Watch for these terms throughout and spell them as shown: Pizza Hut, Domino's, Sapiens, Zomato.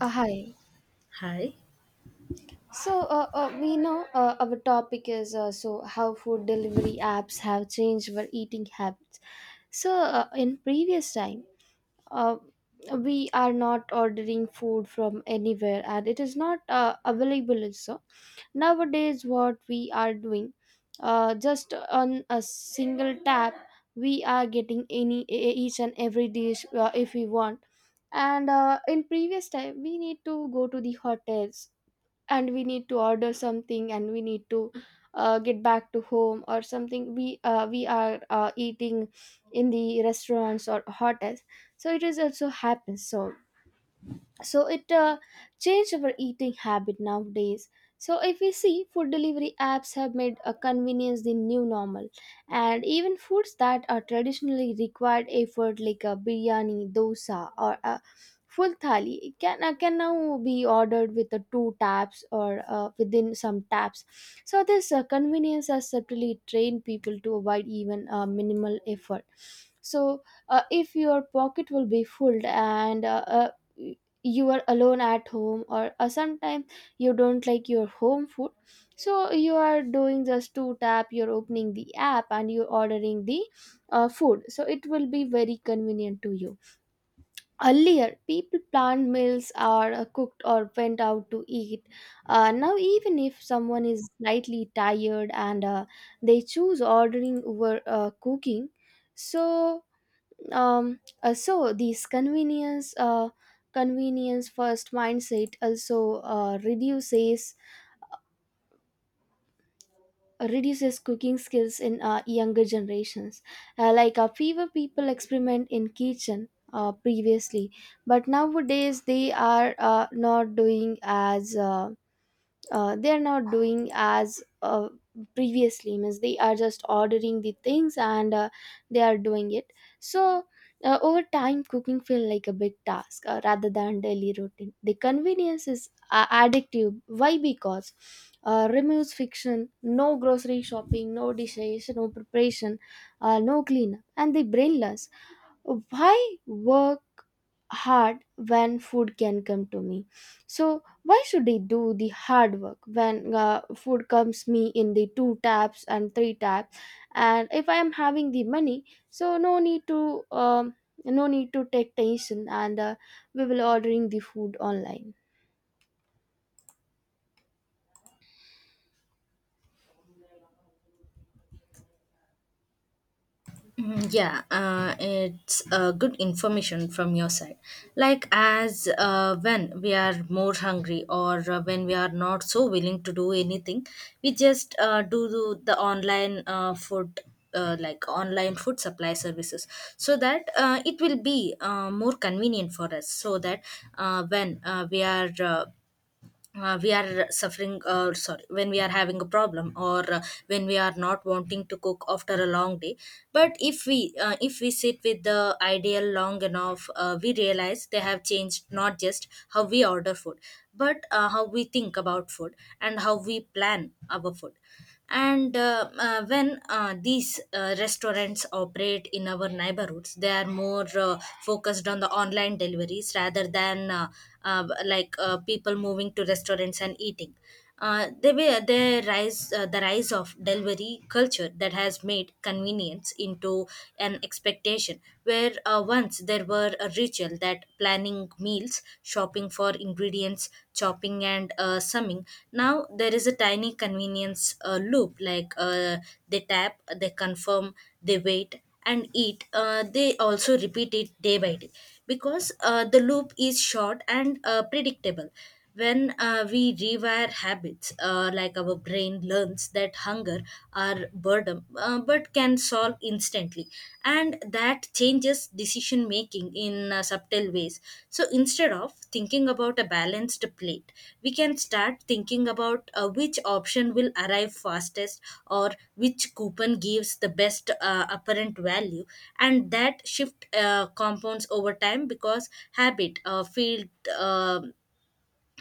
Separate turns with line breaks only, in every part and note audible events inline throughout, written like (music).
Hi.
Hi.
So we know our topic is so how food delivery apps have changed our eating habits. So, in previous time, uh, we are not ordering food from anywhere and it is not available also. Nowadays, what we are doing, just on a single tap, we are getting any each and every dish if we want. And in previous time, we need to go to the hotels and we need to order something and we need to get back to home, or something we are eating in the restaurants or hotels. It is also happens. It changed our eating habit nowadays. So if we see, food delivery apps have made a convenience the new normal, and even foods that are traditionally required effort like a biryani, dosa or a full thali can now be ordered with the two taps or within some taps. So this convenience has certainly trained people to avoid even minimal effort. So if your pocket will be full, and you are alone at home or sometimes you don't like your home food, so you are doing just two tap, you're opening the app and you're ordering the food, so it will be very convenient to you. Earlier people planned meals are cooked or went out to eat. Now even if someone is slightly tired and they choose ordering over cooking. So um uh, so these convenience uh convenience first mindset also reduces cooking skills in younger generations. Fewer people experiment in kitchen previously, but nowadays they are not doing as uh, they are not doing as uh, previously. Means they are just ordering the things and they are doing it. So over time cooking feel like a big task rather than daily routine. The convenience is addictive, why? Because removes fiction, no grocery shopping, no dishes, no preparation, no cleanup, and the brainless why work hard when food can come to me? So why should I do the hard work when food comes me in the two taps and three taps? And if I am having the money, so no need to no need to take tension, and we will ordering the food online.
Yeah, it's good information from your side. Like, as when we are more hungry or when we are not so willing to do anything, we just do the online food, like online food supply services, so that it will be more convenient for us. So that when we are suffering sorry, when we are having a problem or when we are not wanting to cook after a long day. But if we sit with the ideal long enough, we realize they have changed not just how we order food, but how we think about food and how we plan our food. And when these restaurants operate in our neighborhoods, they are more focused on the online deliveries rather than like people moving to restaurants and eating. They were the rise of delivery culture that has made convenience into an expectation, where once there were a ritual that planning meals, shopping for ingredients, chopping and summing. Now there is a tiny convenience loop, like they tap, they confirm, they wait and eat. They also repeat it day by day because the loop is short and predictable. When we rewire habits, like our brain learns that hunger or boredom, but can solve instantly, and that changes decision making in subtle ways. So instead of thinking about a balanced plate, we can start thinking about which option will arrive fastest or which coupon gives the best apparent value, and that shift compounds over time because habit field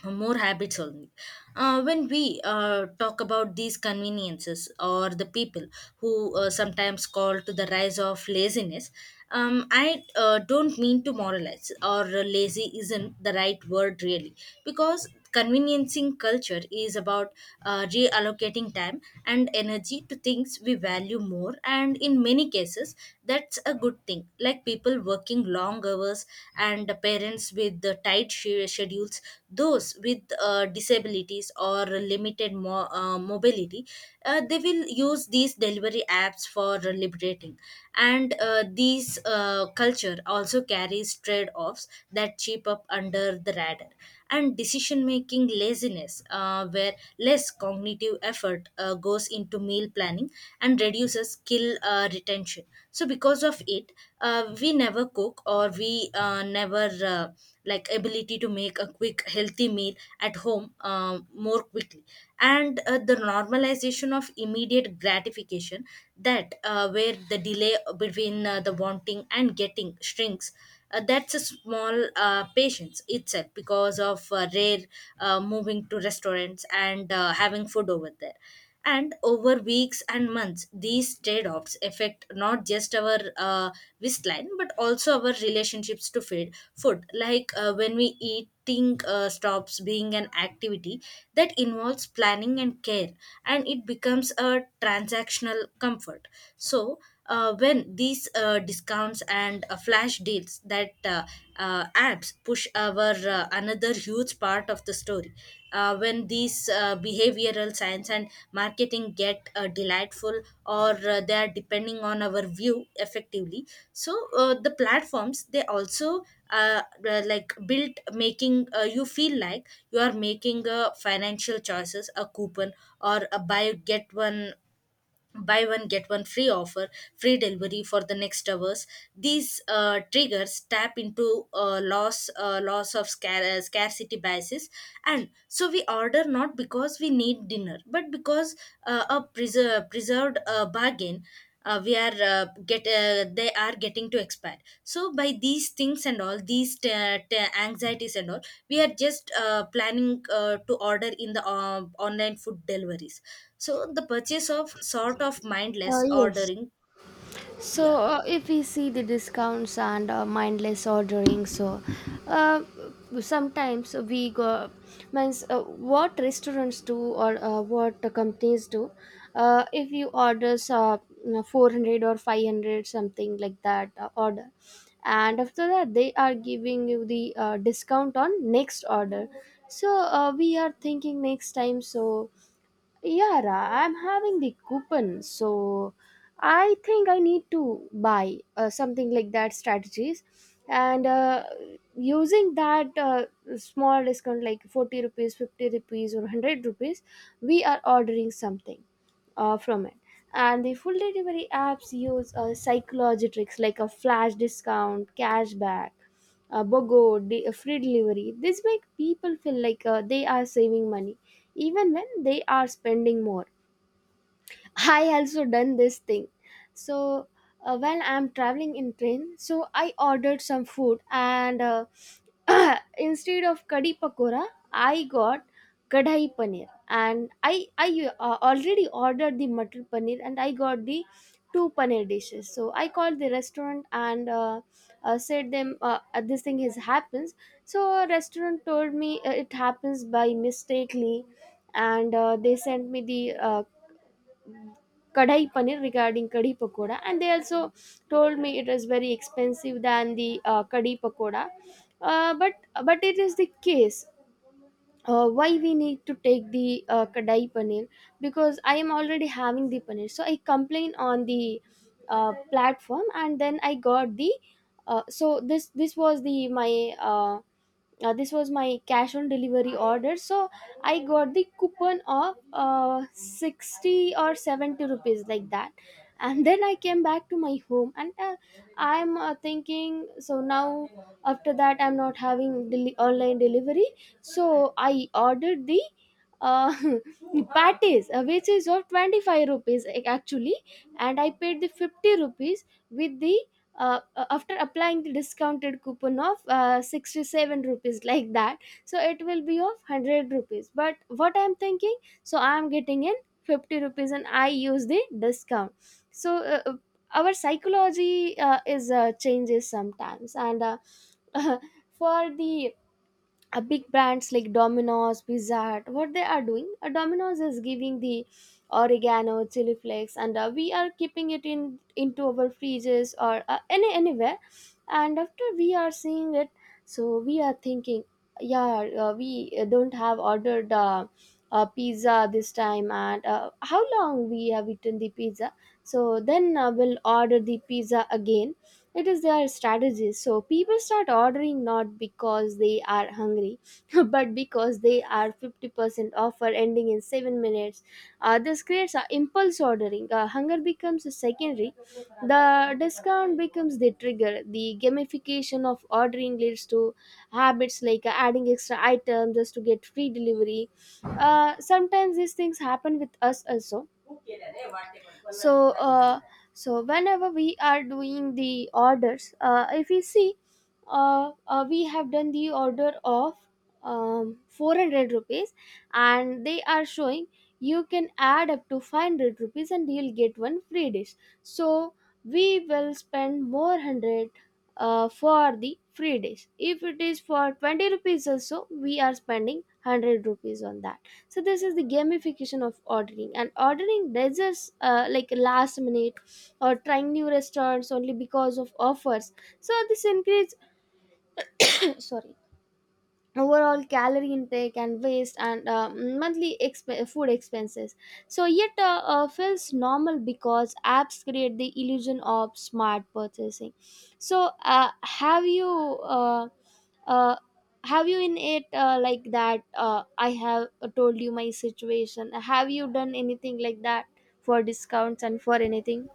more habits only. When we talk about these conveniences or the people who sometimes call to the rise of laziness, I don't mean to moralize, or lazy isn't the right word really, because conveniencing culture is about reallocating time and energy to things we value more, and in many cases that's a good thing, like people working long hours and the parents with the tight schedules, those with disabilities or limited mobility. They will use these delivery apps for liberating. And these culture also carries trade-offs that cheap sweep up under the radar, and decision making laziness where less cognitive effort goes into meal planning and reduces skill retention. So because of it, we never cook, or we never like ability to make a quick healthy meal at home more quickly. And the normalization of immediate gratification, that where the delay between the wanting and getting shrinks, that's a small patience itself because of rare moving to restaurants and having food over there. And over weeks and months, these trade offs affect not just our waistline but also our relationships to feed food. Like when we eating stops being an activity that involves planning and care, and it becomes a transactional comfort. So, when these discounts and flash deals that apps push our another huge part of the story, when these behavioral science and marketing get delightful or they are depending on our view effectively. So the platforms, they also uh, like built making you feel like you are making a financial choices, a coupon or a buy one get one free offer, free delivery for the next hours. These triggers tap into loss of scarcity biases, and so we order not because we need dinner but because a preserved bargain we are get they are getting to expire. So by these things and all these anxieties and all, we are just planning to order in the online food deliveries. So the purchase of sort of mindless
Yes.
ordering,
So,
yeah,
if we see the discounts and mindless ordering, so uh, sometimes we go, means what restaurants do, or what the companies do, if you order 400 or 500, something like that, order, and after that, they are giving you the discount on next order. So, we are thinking next time, so Yara, I'm having the coupon, so I think I need to buy something like that strategies, and using that small discount like 40 rupees, 50 rupees, or 100 rupees, we are ordering something from it. And the full delivery apps use psychology tricks like a flash discount, cashback, BOGO, free delivery. This make people feel like they are saving money even when they are spending more. I also done this thing. So when I'm traveling in train, so I ordered some food and (clears throat) instead of kadhi pakora, I got kadhai paneer, and I already ordered the matar paneer and I got the two paneer dishes. So I called the restaurant and said them this thing is happens. So restaurant told me it happens by mistakenly, and they sent me the uh, kadai paneer regarding kadhi pakoda, and they also told me it is very expensive than the kadhi pakoda. But but it is the case. Why we need to take the kadai paneer? Because I am already having the paneer. So I complain on the platform, and then I got the so this was the my uh, this was my cash on delivery order. So I got the coupon of 60 or 70 rupees like that, and then I came back to my home, and I'm thinking, so now after that I'm not having online delivery. So I ordered the uh, (laughs) patties, which is of 25 rupees actually, and I paid the 50 rupees with the after applying the discounted coupon of 67 rupees (laughs) like that. So it will be of 100 rupees. But what I am thinking, so I am getting in 50 rupees and I use the discount. So our psychology is changes sometimes, and (laughs) for the big brands like Domino's, Pizza Hut, what they are doing, Domino's is giving the oregano, chili flakes, and we are keeping it in into our fridges or anywhere. And after we are seeing it, so we are thinking, yeah, we don't have ordered pizza this time, and how long we have eaten the pizza. So then we'll order the pizza again. It is their strategy. So people start ordering not because they are hungry, (laughs) but because they are 50% offer ending in 7 minutes. This creates a impulse ordering. Hunger becomes secondary. The discount becomes the trigger. The gamification of ordering leads to habits like adding extra items just to get free delivery. Sometimes these things happen with us also. So so whenever we are doing the orders, if we see we have done the order of 400 rupees, and they are showing you can add up to 500 rupees and you'll get one free dish. So we will spend more 100 for the free dish. If it is for 20 rupees also, we are spending 100 rupees on that. So this is the gamification of ordering, and ordering there's just like last minute, or trying new restaurants only because of offers. So this encourages (coughs) (clears throat) sorry overall calorie intake and waste, and monthly food expenses. So yet feels normal because apps create the illusion of smart purchasing. So uh, uh, have you in it like that, I have told you my situation, have you done anything like that for discounts and for anything?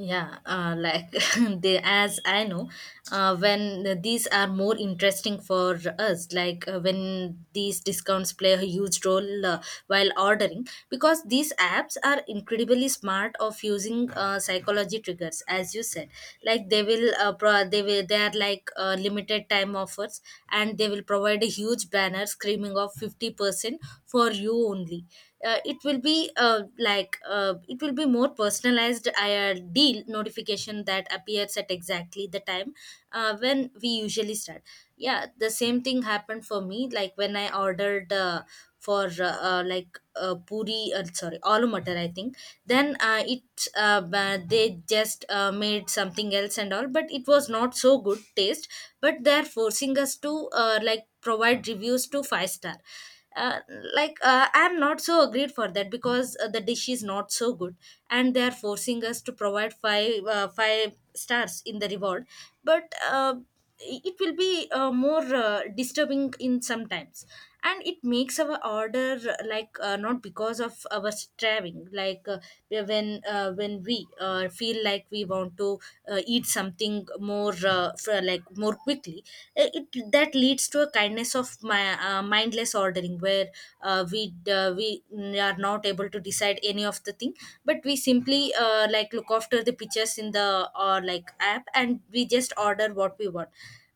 yeah, like (laughs) they, as I know, when these are more interesting for us, like when these discounts play a huge role while ordering, because these apps are incredibly smart of using psychology triggers, as you said, like they will they will, they are like limited time offers, and they will provide a huge banner screaming of 50% for you only. It will be like it will be more personalized deal notification that appears at exactly the time when we usually start. Yeah, the same thing happened for me, like when I ordered for like puri sorry, aloo matar I think. Then they just made something else and all but it was not so good taste. But they're forcing us to like provide reviews to five star. uh, like I'm not so agreed for that because the dish is not so good, and they are forcing us to provide five stars in the reward. But it will be more disturbing in sometimes, and it makes our order like not because of our striving, like when we feel like we want to eat something more for, like more quickly. That leads to a kindness of my mindless ordering where we are not able to decide any of the thing but we simply like look after the pictures in the or like app, and we just order what we want.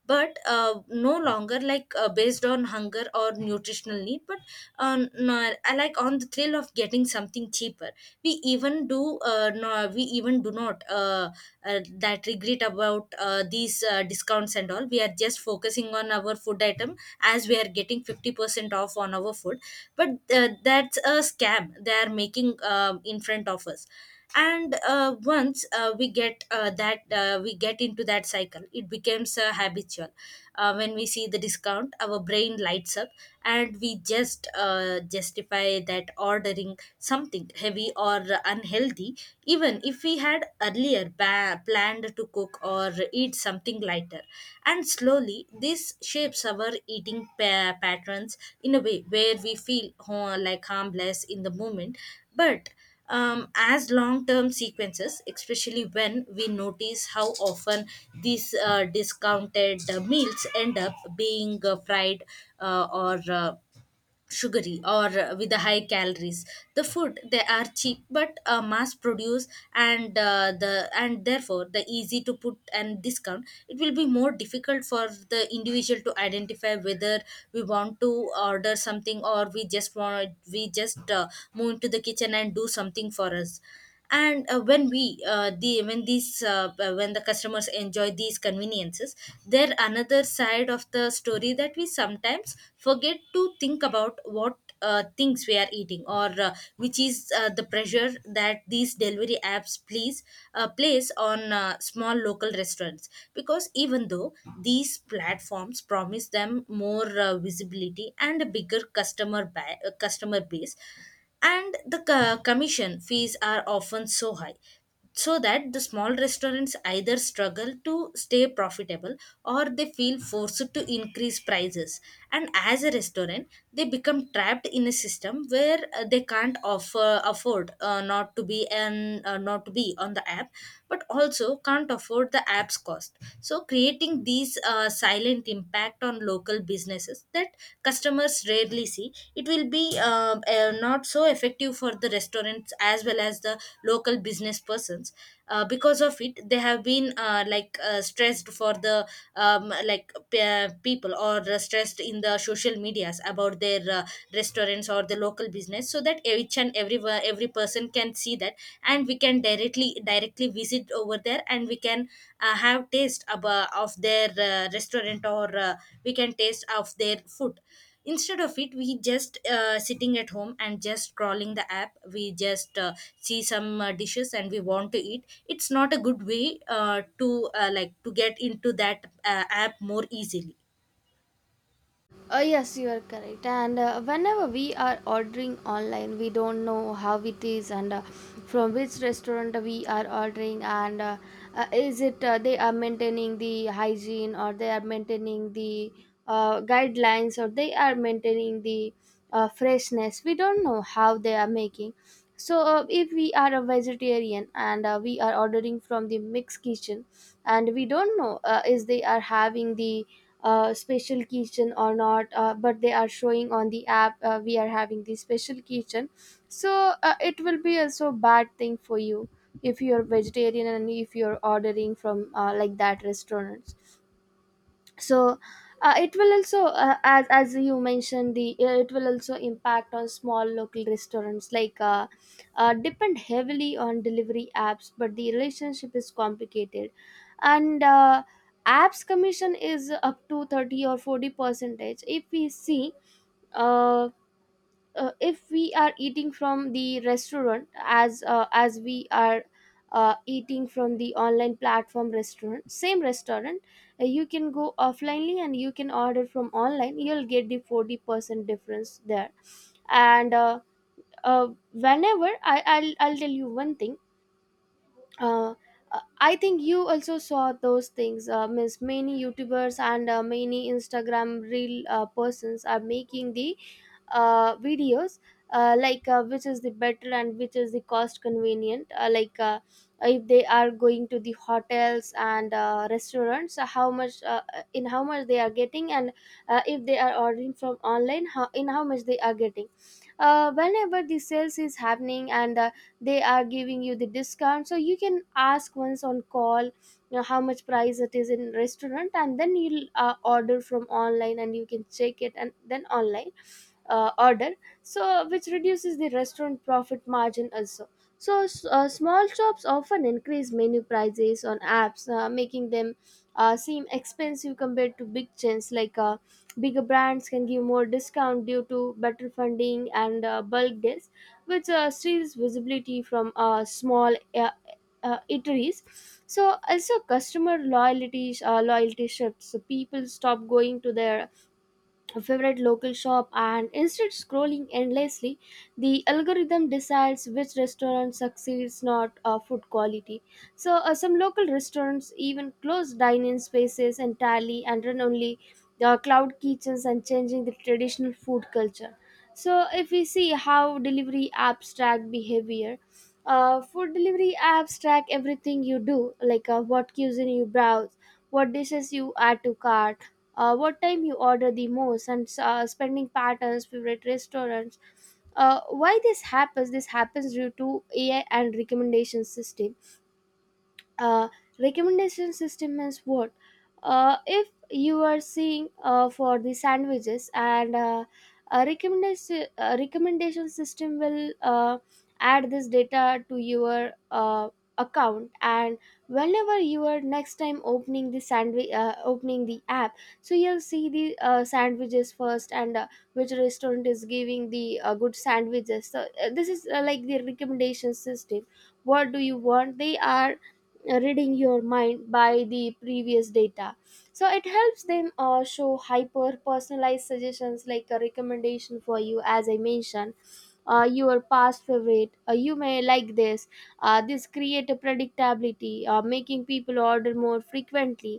But no longer like based on hunger or nutritional need but on no, I like on the thrill of getting something cheaper. We even do we even do not that regret about these discounts and all. We are just focusing on our food item, as we are getting 50% off on our food. But that's a scam they are making in front of us. And once we get that we get into that cycle, it becomes habitual. When we see the discount, our brain lights up and we just justify that ordering something heavy or unhealthy, even if we had earlier planned to cook or eat something lighter. And slowly this shapes our eating patterns in a way where we feel like harmless in the moment, but as long term sequences, especially when we notice how often these discounted meals end up being fried or sugary or with the high calories. The food they are cheap but mass produced, and therefore the easy to put and discount, it will be more difficult for the individual to identify whether we want to order something or we just move into the kitchen and do something for us. And when these when the customers enjoy these conveniences, there another side of the story that we sometimes forget to think about what things we are eating, or which is the pressure that these delivery apps please place on small local restaurants. Because even though these platforms promise them more visibility and a bigger customer base, and the commission fees are often so high, so that the small restaurants either struggle to stay profitable or they feel forced to increase prices. And as a restaurant, they become trapped in a system where they can't offer afford not to be on the app but also can't afford the app's cost, so creating these silent impact on local businesses that customers rarely see. It will be not so effective for the restaurants as well as the local business persons. Because of it, they have been like stressed for the people, or stressed in the social medias about their restaurants or the local business, so that each and every person can see that, and we can directly visit over there, and we can have taste of their restaurant, or we can taste of their food. Instead of it, we just sitting at home and just scrolling the app. We just see some dishes and we want to eat. It's not a good way to like to get into that app more easily.
Yes, you are correct. And whenever we are ordering online, we don't know how it is, and from which restaurant we are ordering, and is it they are maintaining the hygiene, or they are maintaining the guidelines, or they are maintaining the freshness. We don't know how they are making. So, if we are a vegetarian and we are ordering from the mixed kitchen, and we don't know is they are having the special kitchen or not, but they are showing on the app we are having the special kitchen. So it will be also a bad thing for you if you're vegetarian and if you're ordering from like that restaurant. So it will also as you mentioned the it will also impact on small local restaurants, like depend heavily on delivery apps, but the relationship is complicated. And apps commission is up to 30 or 40 percentage if we see. uh, if we are eating from the restaurant, as we are eating from the online platform restaurant, same restaurant, you can go offlinely and you can order from online, you'll get the 40% difference there. And whenever I'll tell you one thing. uh, I think you also saw those things. Means many YouTubers and many Instagram real persons are making the videos which is the better and which is the cost convenient. If they are going to the hotels and restaurants, how much in how much they are getting, and if they are ordering from online, how in how much they are getting. Whenever the sales is happening and they are giving you the discount, so you can ask once on call, you know, how much price it is in restaurant, and then you'll order from online and you can check it and then online order, so which reduces the restaurant profit margin also. So small shops often increase menu prices on apps, making them seem expensive compared to big chains. Like bigger brands can give more discount due to better funding and bulk deals, which steals visibility from small eateries. So also customer loyalty loyalty shifts, so people stop going to their a favorite local shop and instead scrolling endlessly. The algorithm decides which restaurant succeeds, not food quality. So some local restaurants even close dine-in spaces entirely and run only the cloud kitchens, and changing the traditional food culture. So if we see how delivery apps track behavior, food delivery apps track everything you do, like what cuisine you browse, what dishes you add to cart, what time you order the most, and spending patterns, favorite restaurants. Why this happens? This happens due to AI and recommendation system. uh, Recommendation system is what? If you are seeing for the sandwiches, and a recommendation system will add this data to your account, and whenever you are next time opening the sandwich opening the app, so you'll see the sandwiches first, and which restaurant is giving the good sandwiches. So this is like the recommendation system. What do you want? They are reading your mind by the previous data. So it helps them show hyper personalized suggestions like a recommendation for you, as I mentioned. Your past favorite, you may like this. This create a predictability, making people order more frequently.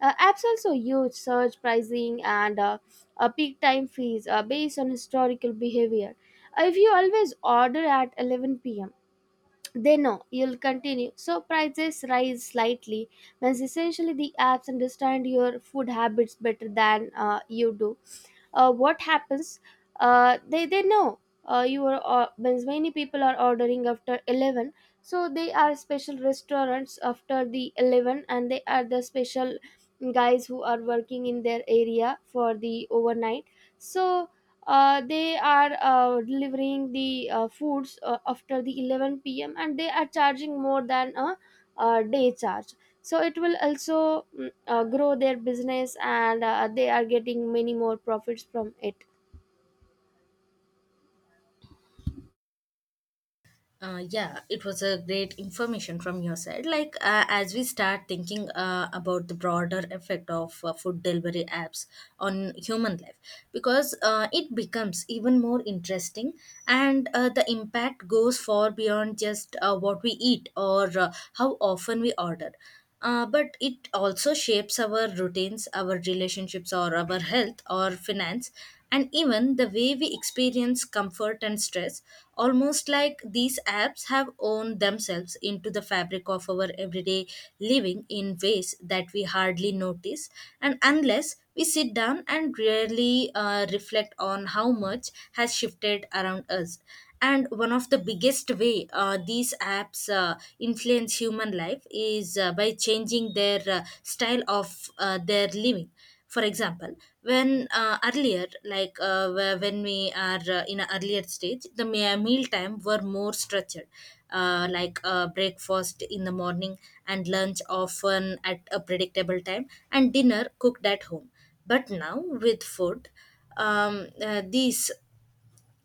Apps also use search pricing and peak time fees based on historical behavior. If you always order at 11 p.m., they know you'll continue, so prices rise slightly. Means essentially the apps understand your food habits better than you do. What happens? They know you are means many people are ordering after 11. So they are special restaurants after the 11, and they are the special guys who are working in their area for the overnight. So they are delivering the foods after the 11 p.m., and they are charging more than a, day charge. So it will also grow their business, and they are getting many more profits from it.
Yeah, it was a great information from your side. Like, as we start thinking about the broader effect of food delivery apps on human life, because it becomes even more interesting, and the impact goes far beyond just what we eat or how often we order. But it also shapes our routines, our relationships, or our health or finance and even the way we experience comfort and stress, almost like these apps have owned themselves into the fabric of our everyday living in ways that we hardly notice, and unless we sit down and really reflect on how much has shifted around us. And one of the biggest way these apps influence human life is by changing their style of their living. For example, when earlier like when we are in an earlier stage, the meal time were more structured, like breakfast in the morning and lunch often at a predictable time and dinner cooked at home. But now with food, these,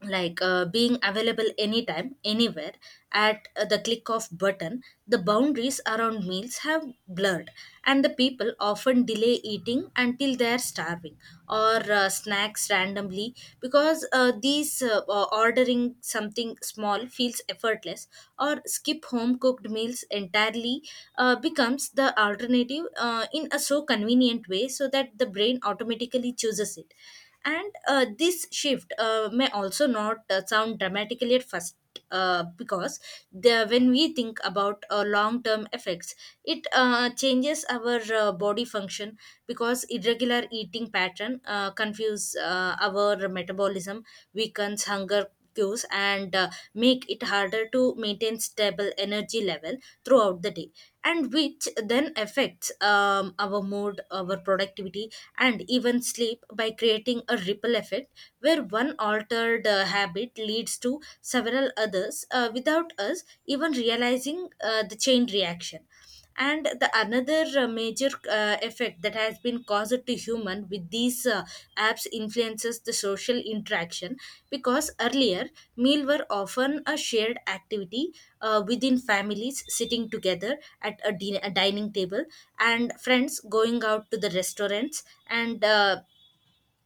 like being available anytime anywhere at the click of button, the boundaries around meals have blurred, and the people often delay eating until they are starving or snacks randomly because these ordering something small feels effortless, or skip home cooked meals entirely becomes the alternative in a so convenient way so that the brain automatically chooses it. And this shift may also not sound dramatically at first because when we think about long-term effects, it changes our body function because irregular eating pattern confuse our metabolism, weakens hunger cues and make it harder to maintain stable energy level throughout the day, and which then affects our mood, our productivity and even sleep by creating a ripple effect where one altered habit leads to several others without us even realizing the chain reaction. And the another major effect that has been caused to human with these apps influences the social interaction, because earlier meal were often a shared activity, within families sitting together at a dining table and friends going out to the restaurants, and uh,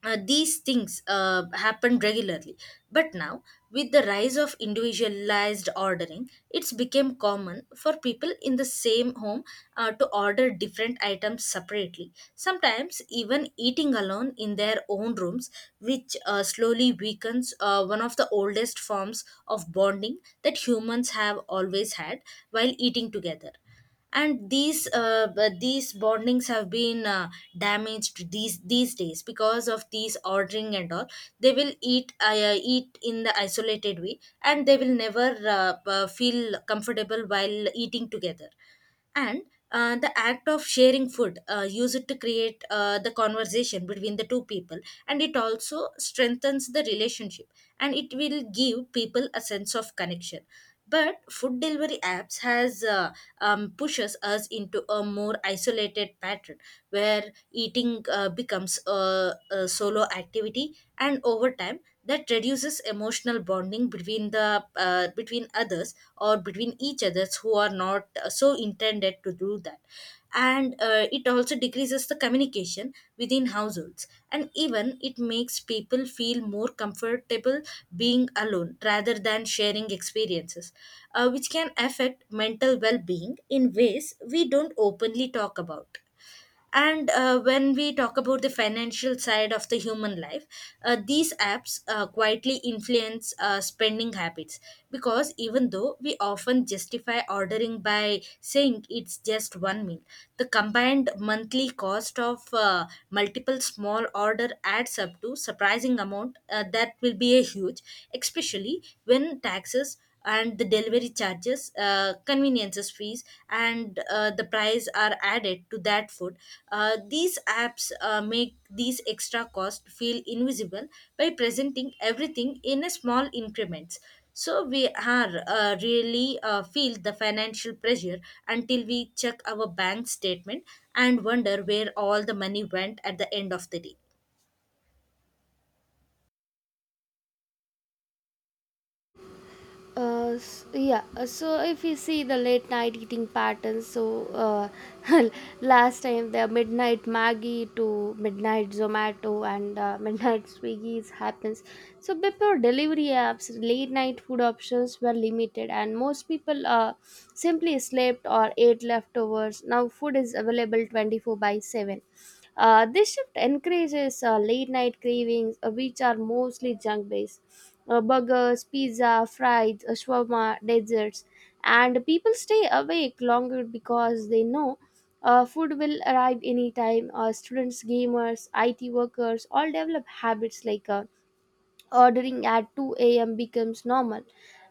uh, these things happen regularly. But now with the rise of individualized ordering, it's become common for people in the same home to order different items separately, sometimes even eating alone in their own rooms, which slowly weakens one of the oldest forms of bonding that humans have always had while eating together. And these these bondings have been damaged these days because of these ordering and all. They will eat eat in the isolated way and they will never feel comfortable while eating together. And the act of sharing food use it to create the conversation between the two people, and it also strengthens the relationship, and it will give people a sense of connection. But food delivery apps has pushes us into a more isolated pattern where eating becomes a solo activity, and over time that reduces emotional bonding between the between others or between each others who are not so intended to do that. And it also decreases the communication within households, and even it makes people feel more comfortable being alone rather than sharing experiences, which can affect mental well-being in ways we don't openly talk about. And when we talk about the financial side of the human life, these apps quietly influence spending habits, because even though we often justify ordering by saying it's just one meal, the combined monthly cost of multiple small order adds up to surprising amount that will be a huge, especially when taxes and the delivery charges, conveniences fees and the price are added to that food. These apps make these extra costs feel invisible by presenting everything in a small increments, so we are really feel the financial pressure until we check our bank statement and wonder where all the money went at the end of the day.
Yeah, so if you see the late night eating patterns, so (laughs) last time the midnight Maggie to midnight Zomato and (laughs) midnight Swiggy's happens. So before delivery apps, late night food options were limited, and most people simply slept or ate leftovers. Now food is available 24 by 7. This shift encourages late night cravings, which are mostly junk based. Burgers, pizza, fries, shawarma, desserts. And people stay awake longer because they know food will arrive anytime. Students, gamers, IT workers all develop habits like ordering at 2 a.m. becomes normal,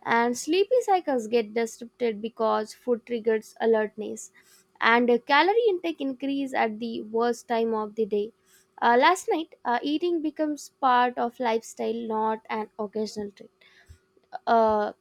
and sleepy cycles get disrupted because food triggers alertness, and calorie intake increase at the worst time of the day. Last night, eating becomes part of lifestyle, not an occasional treat. Uh,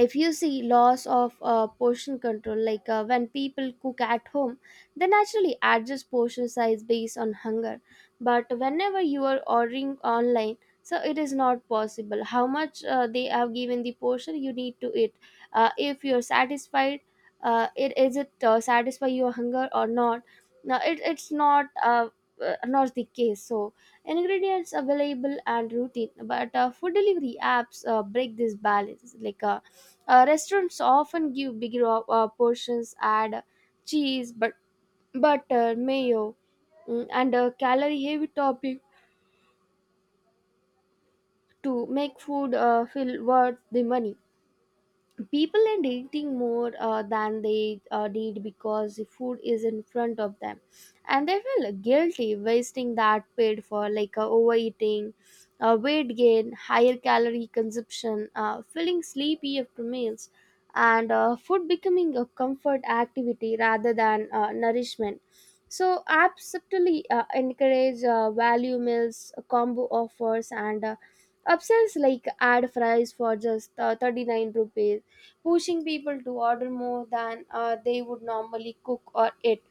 if you see loss of portion control, like when people cook at home, they naturally adjust portion size based on hunger. But whenever you are ordering online, so it is not possible how much they have given the portion you need to eat, if you're satisfied, it is it satisfy your hunger or not. Now it's not not the case. So ingredients available and routine, but food delivery apps break this balance. Like restaurants often give bigger portions, add cheese, but butter, mayo, and a calorie heavy topping to make food feel worth the money. People are eating more than they need because the food is in front of them, and they feel guilty wasting that paid for. Like overeating, weight gain, higher calorie consumption, feeling sleepy after meals, and food becoming a comfort activity rather than nourishment. So apps subtly encourage value meals combo offers and upsells like add fries for just 39 rupees, pushing people to order more than they would normally cook or eat.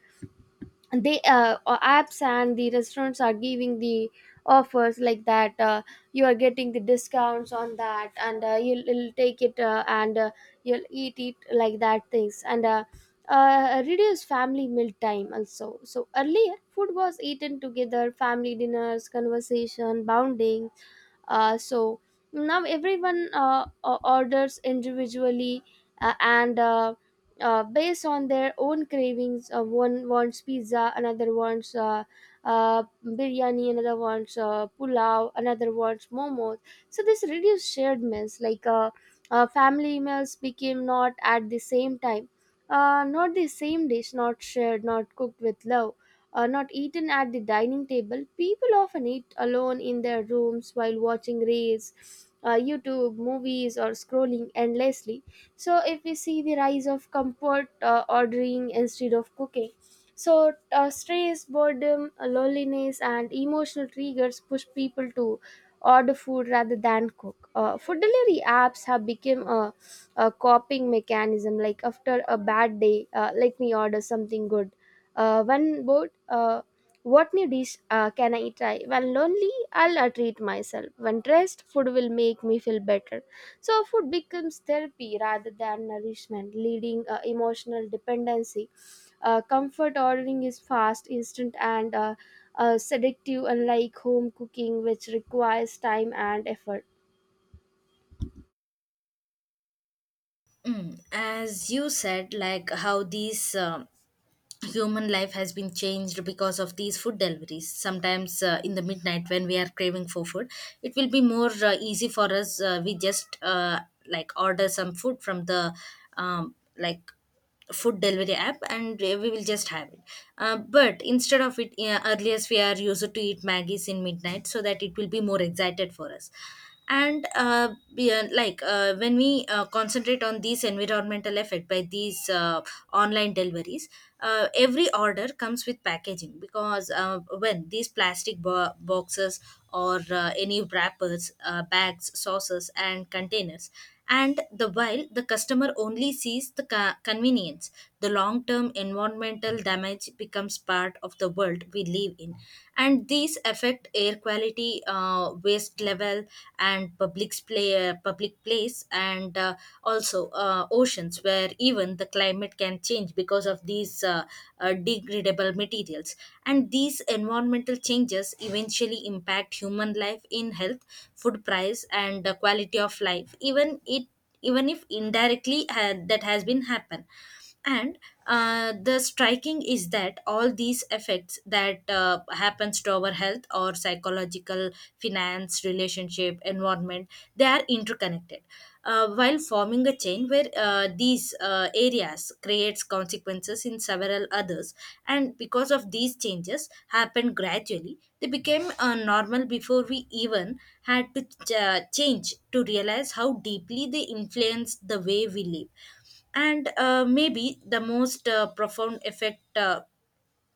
They apps and the restaurants are giving the offers like that. You are getting the discounts on that, and you'll take it and you'll eat it like that things and. Reduce family meal time also. So earlier, food was eaten together, family dinners, conversation, bounding, so now everyone orders individually, and based on their own cravings. One wants pizza, another wants biryani, another wants pulao, another wants momos. So this reduced shared meals. Like family meals became not at the same time, not the same dish, not shared, not cooked with love, are not eaten at the dining table. People often eat alone in their rooms while watching reels, YouTube, movies, or scrolling endlessly. So, if we see the rise of comfort ordering instead of cooking, so stress, boredom, loneliness, and emotional triggers push people to order food rather than cook. Food delivery apps have become a coping mechanism. Like after a bad day, let me order something good. When bored, what new dish can I try? When lonely, I'll treat myself. When stressed, food will make me feel better. So food becomes therapy rather than nourishment, leading emotional dependency. Comfort ordering is fast, instant, and seductive, unlike home cooking, which requires time and effort.
Mm, as you said, like how these human life has been changed because of these food deliveries. Sometimes in the midnight when we are craving for food, it will be more easy for us. We just like order some food from the like food delivery app and we will just have it. But instead of it, earlier we are used to eat maggies in midnight so that it will be more excited for us. And like when we concentrate on these environmental effect by these online deliveries, every order comes with packaging, because when these plastic boxes or any wrappers, bags, saucers and containers, and the while the customer only sees the convenience, the long term environmental damage becomes part of the world we live in. And these affect air quality, waste level and public place and also oceans, where even the climate can change because of these degradable materials. And these environmental changes eventually impact human life in health, food price and the quality of life, even it even if indirectly that has been happened. And the striking is that all these effects that happens to our health or psychological, finance, relationship, environment, they are interconnected, while forming a chain where these areas creates consequences in several others. And because of these changes happened gradually, they became normal before we even had to change to realize how deeply they influence the way we live. And maybe the most profound effect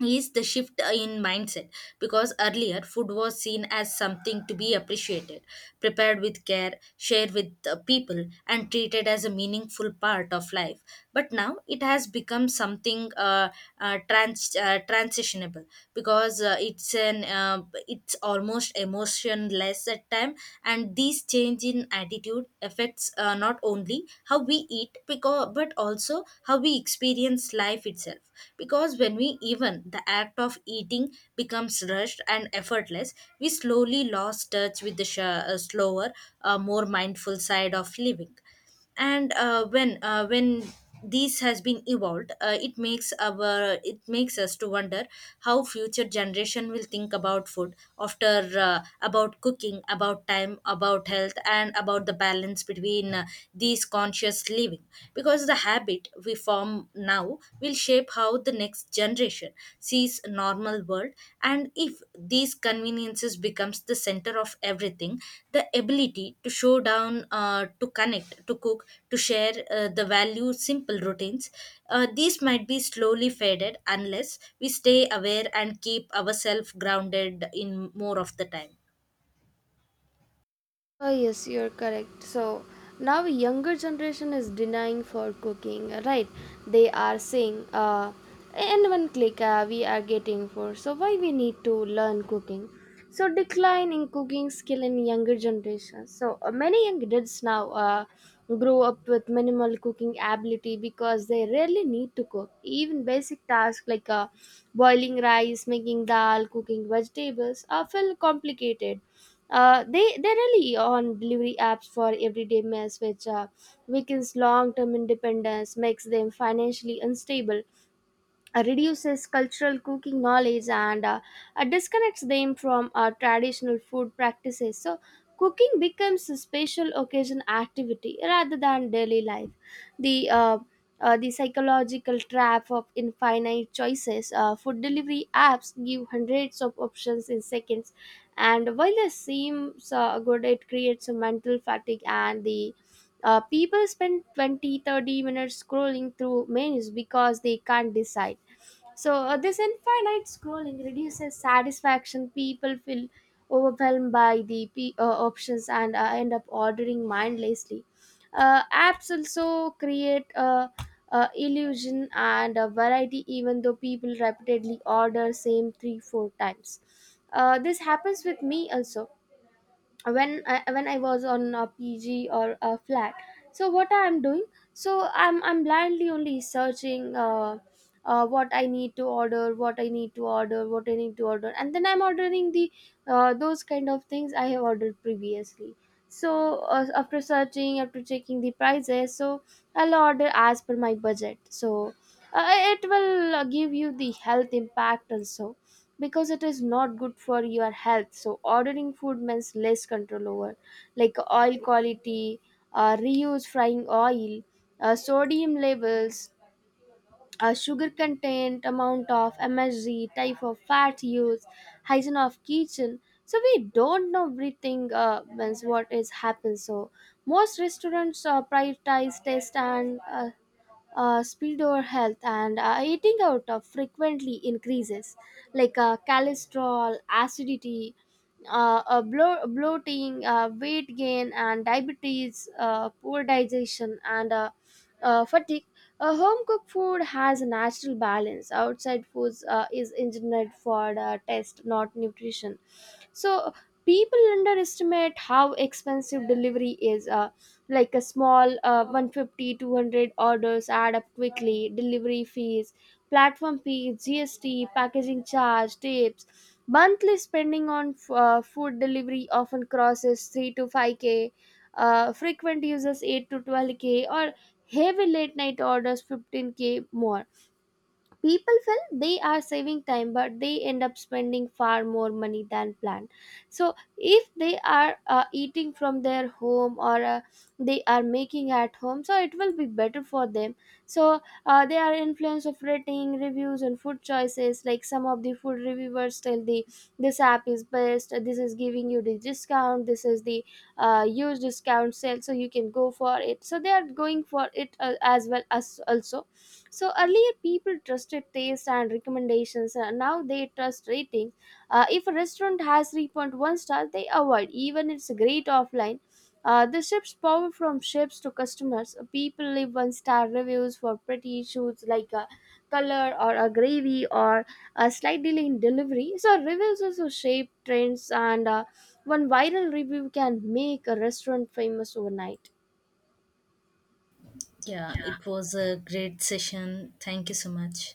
is the shift in mindset, because earlier food was seen as something to be appreciated, prepared with care, shared with people and treated as a meaningful part of life. But now it has become something transitionable, because it's almost emotionless at time. And this change in attitude affects not only how we eat because but also how we experience life itself, because when we, even the act of eating becomes rushed and effortless, we slowly lost touch with the slower, more mindful side of living. And when this has been evolved, it makes our, it makes us to wonder how future generation will think about food after about cooking, about time, about health and about the balance between these conscious living, because the habit we form now will shape how the next generation sees a normal world. And if these conveniences becomes the center of everything, the ability to show down to connect, to cook, to share the value simple routines, these might be slowly faded unless we stay aware and keep ourselves grounded in more of the time.
Oh, yes, you're correct. So now younger generation is denying for cooking, right? They are saying, in one click we are getting for. So why we need to learn cooking? So decline in cooking skill in younger generation. So many young kids now grow up with minimal cooking ability because they rarely need to cook. Even basic tasks like boiling rice, making dal, cooking vegetables are feel complicated. They rely on delivery apps for everyday meals, which weakens long-term independence, makes them financially unstable, reduces cultural cooking knowledge, and disconnects them from traditional food practices. So, cooking becomes a special occasion activity rather than daily life. The uh, the psychological trap of infinite choices. Food delivery apps give hundreds of options in seconds, and while this seems good, it creates a mental fatigue. And the people spend 20-30 minutes scrolling through menus because they can't decide. So, this infinite scrolling reduces satisfaction. People feel overwhelmed by the options and end up ordering mindlessly. Apps also create a illusion and a variety, even though people repeatedly order same 3-4 times. This happens with me also when when I was on a PG or a flat. So what I'm doing? So I'm blindly only searching what I need to order, what I need to order, what I need to order, and then I'm ordering the those kind of things I have ordered previously. So after searching, after checking the prices, so I'll order as per my budget. So it will give you the health impact also, because it is not good for your health. So ordering food means less control over, like, oil quality, reuse frying oil, sodium levels, sugar content, amount of MSG, type of fat used, hygiene of kitchen. So we don't know everything means what is happened. So most restaurants prioritize taste and speed over health, and eating out of frequently increases like cholesterol, acidity, bloating, weight gain and diabetes, poor digestion, and fatigue. Home cooked food has a natural balance. Outside foods is engineered for taste, not nutrition. So people underestimate how expensive delivery is. Like a small 150 200 orders add up quickly. Delivery fees, platform fees, GST, packaging charge, tips. Monthly spending on food delivery often crosses 3 to 5k, frequent users 8 to 12k, or heavy late night orders 15k more. People feel they are saving time, but they end up spending far more money than planned. So if they are eating from their home, or they are making at home, so it will be better for them. So they are influence of rating reviews and food choices. Like some of the food reviewers tell the this app is best, this is giving you the discount, this is the huge discount sale, so you can go for it, so they are going for it, as well as also. So earlier people trusted taste and recommendations. Now they trust rating. If a restaurant has 3.1 stars, they avoid even it's great offline. The ship's power from ships to customers. People leave one star reviews for pretty issues like a color or a gravy or a slight delay in delivery. So reviews also shape trends, and one viral review can make a restaurant famous overnight.
Yeah, it was a great session, thank you so much.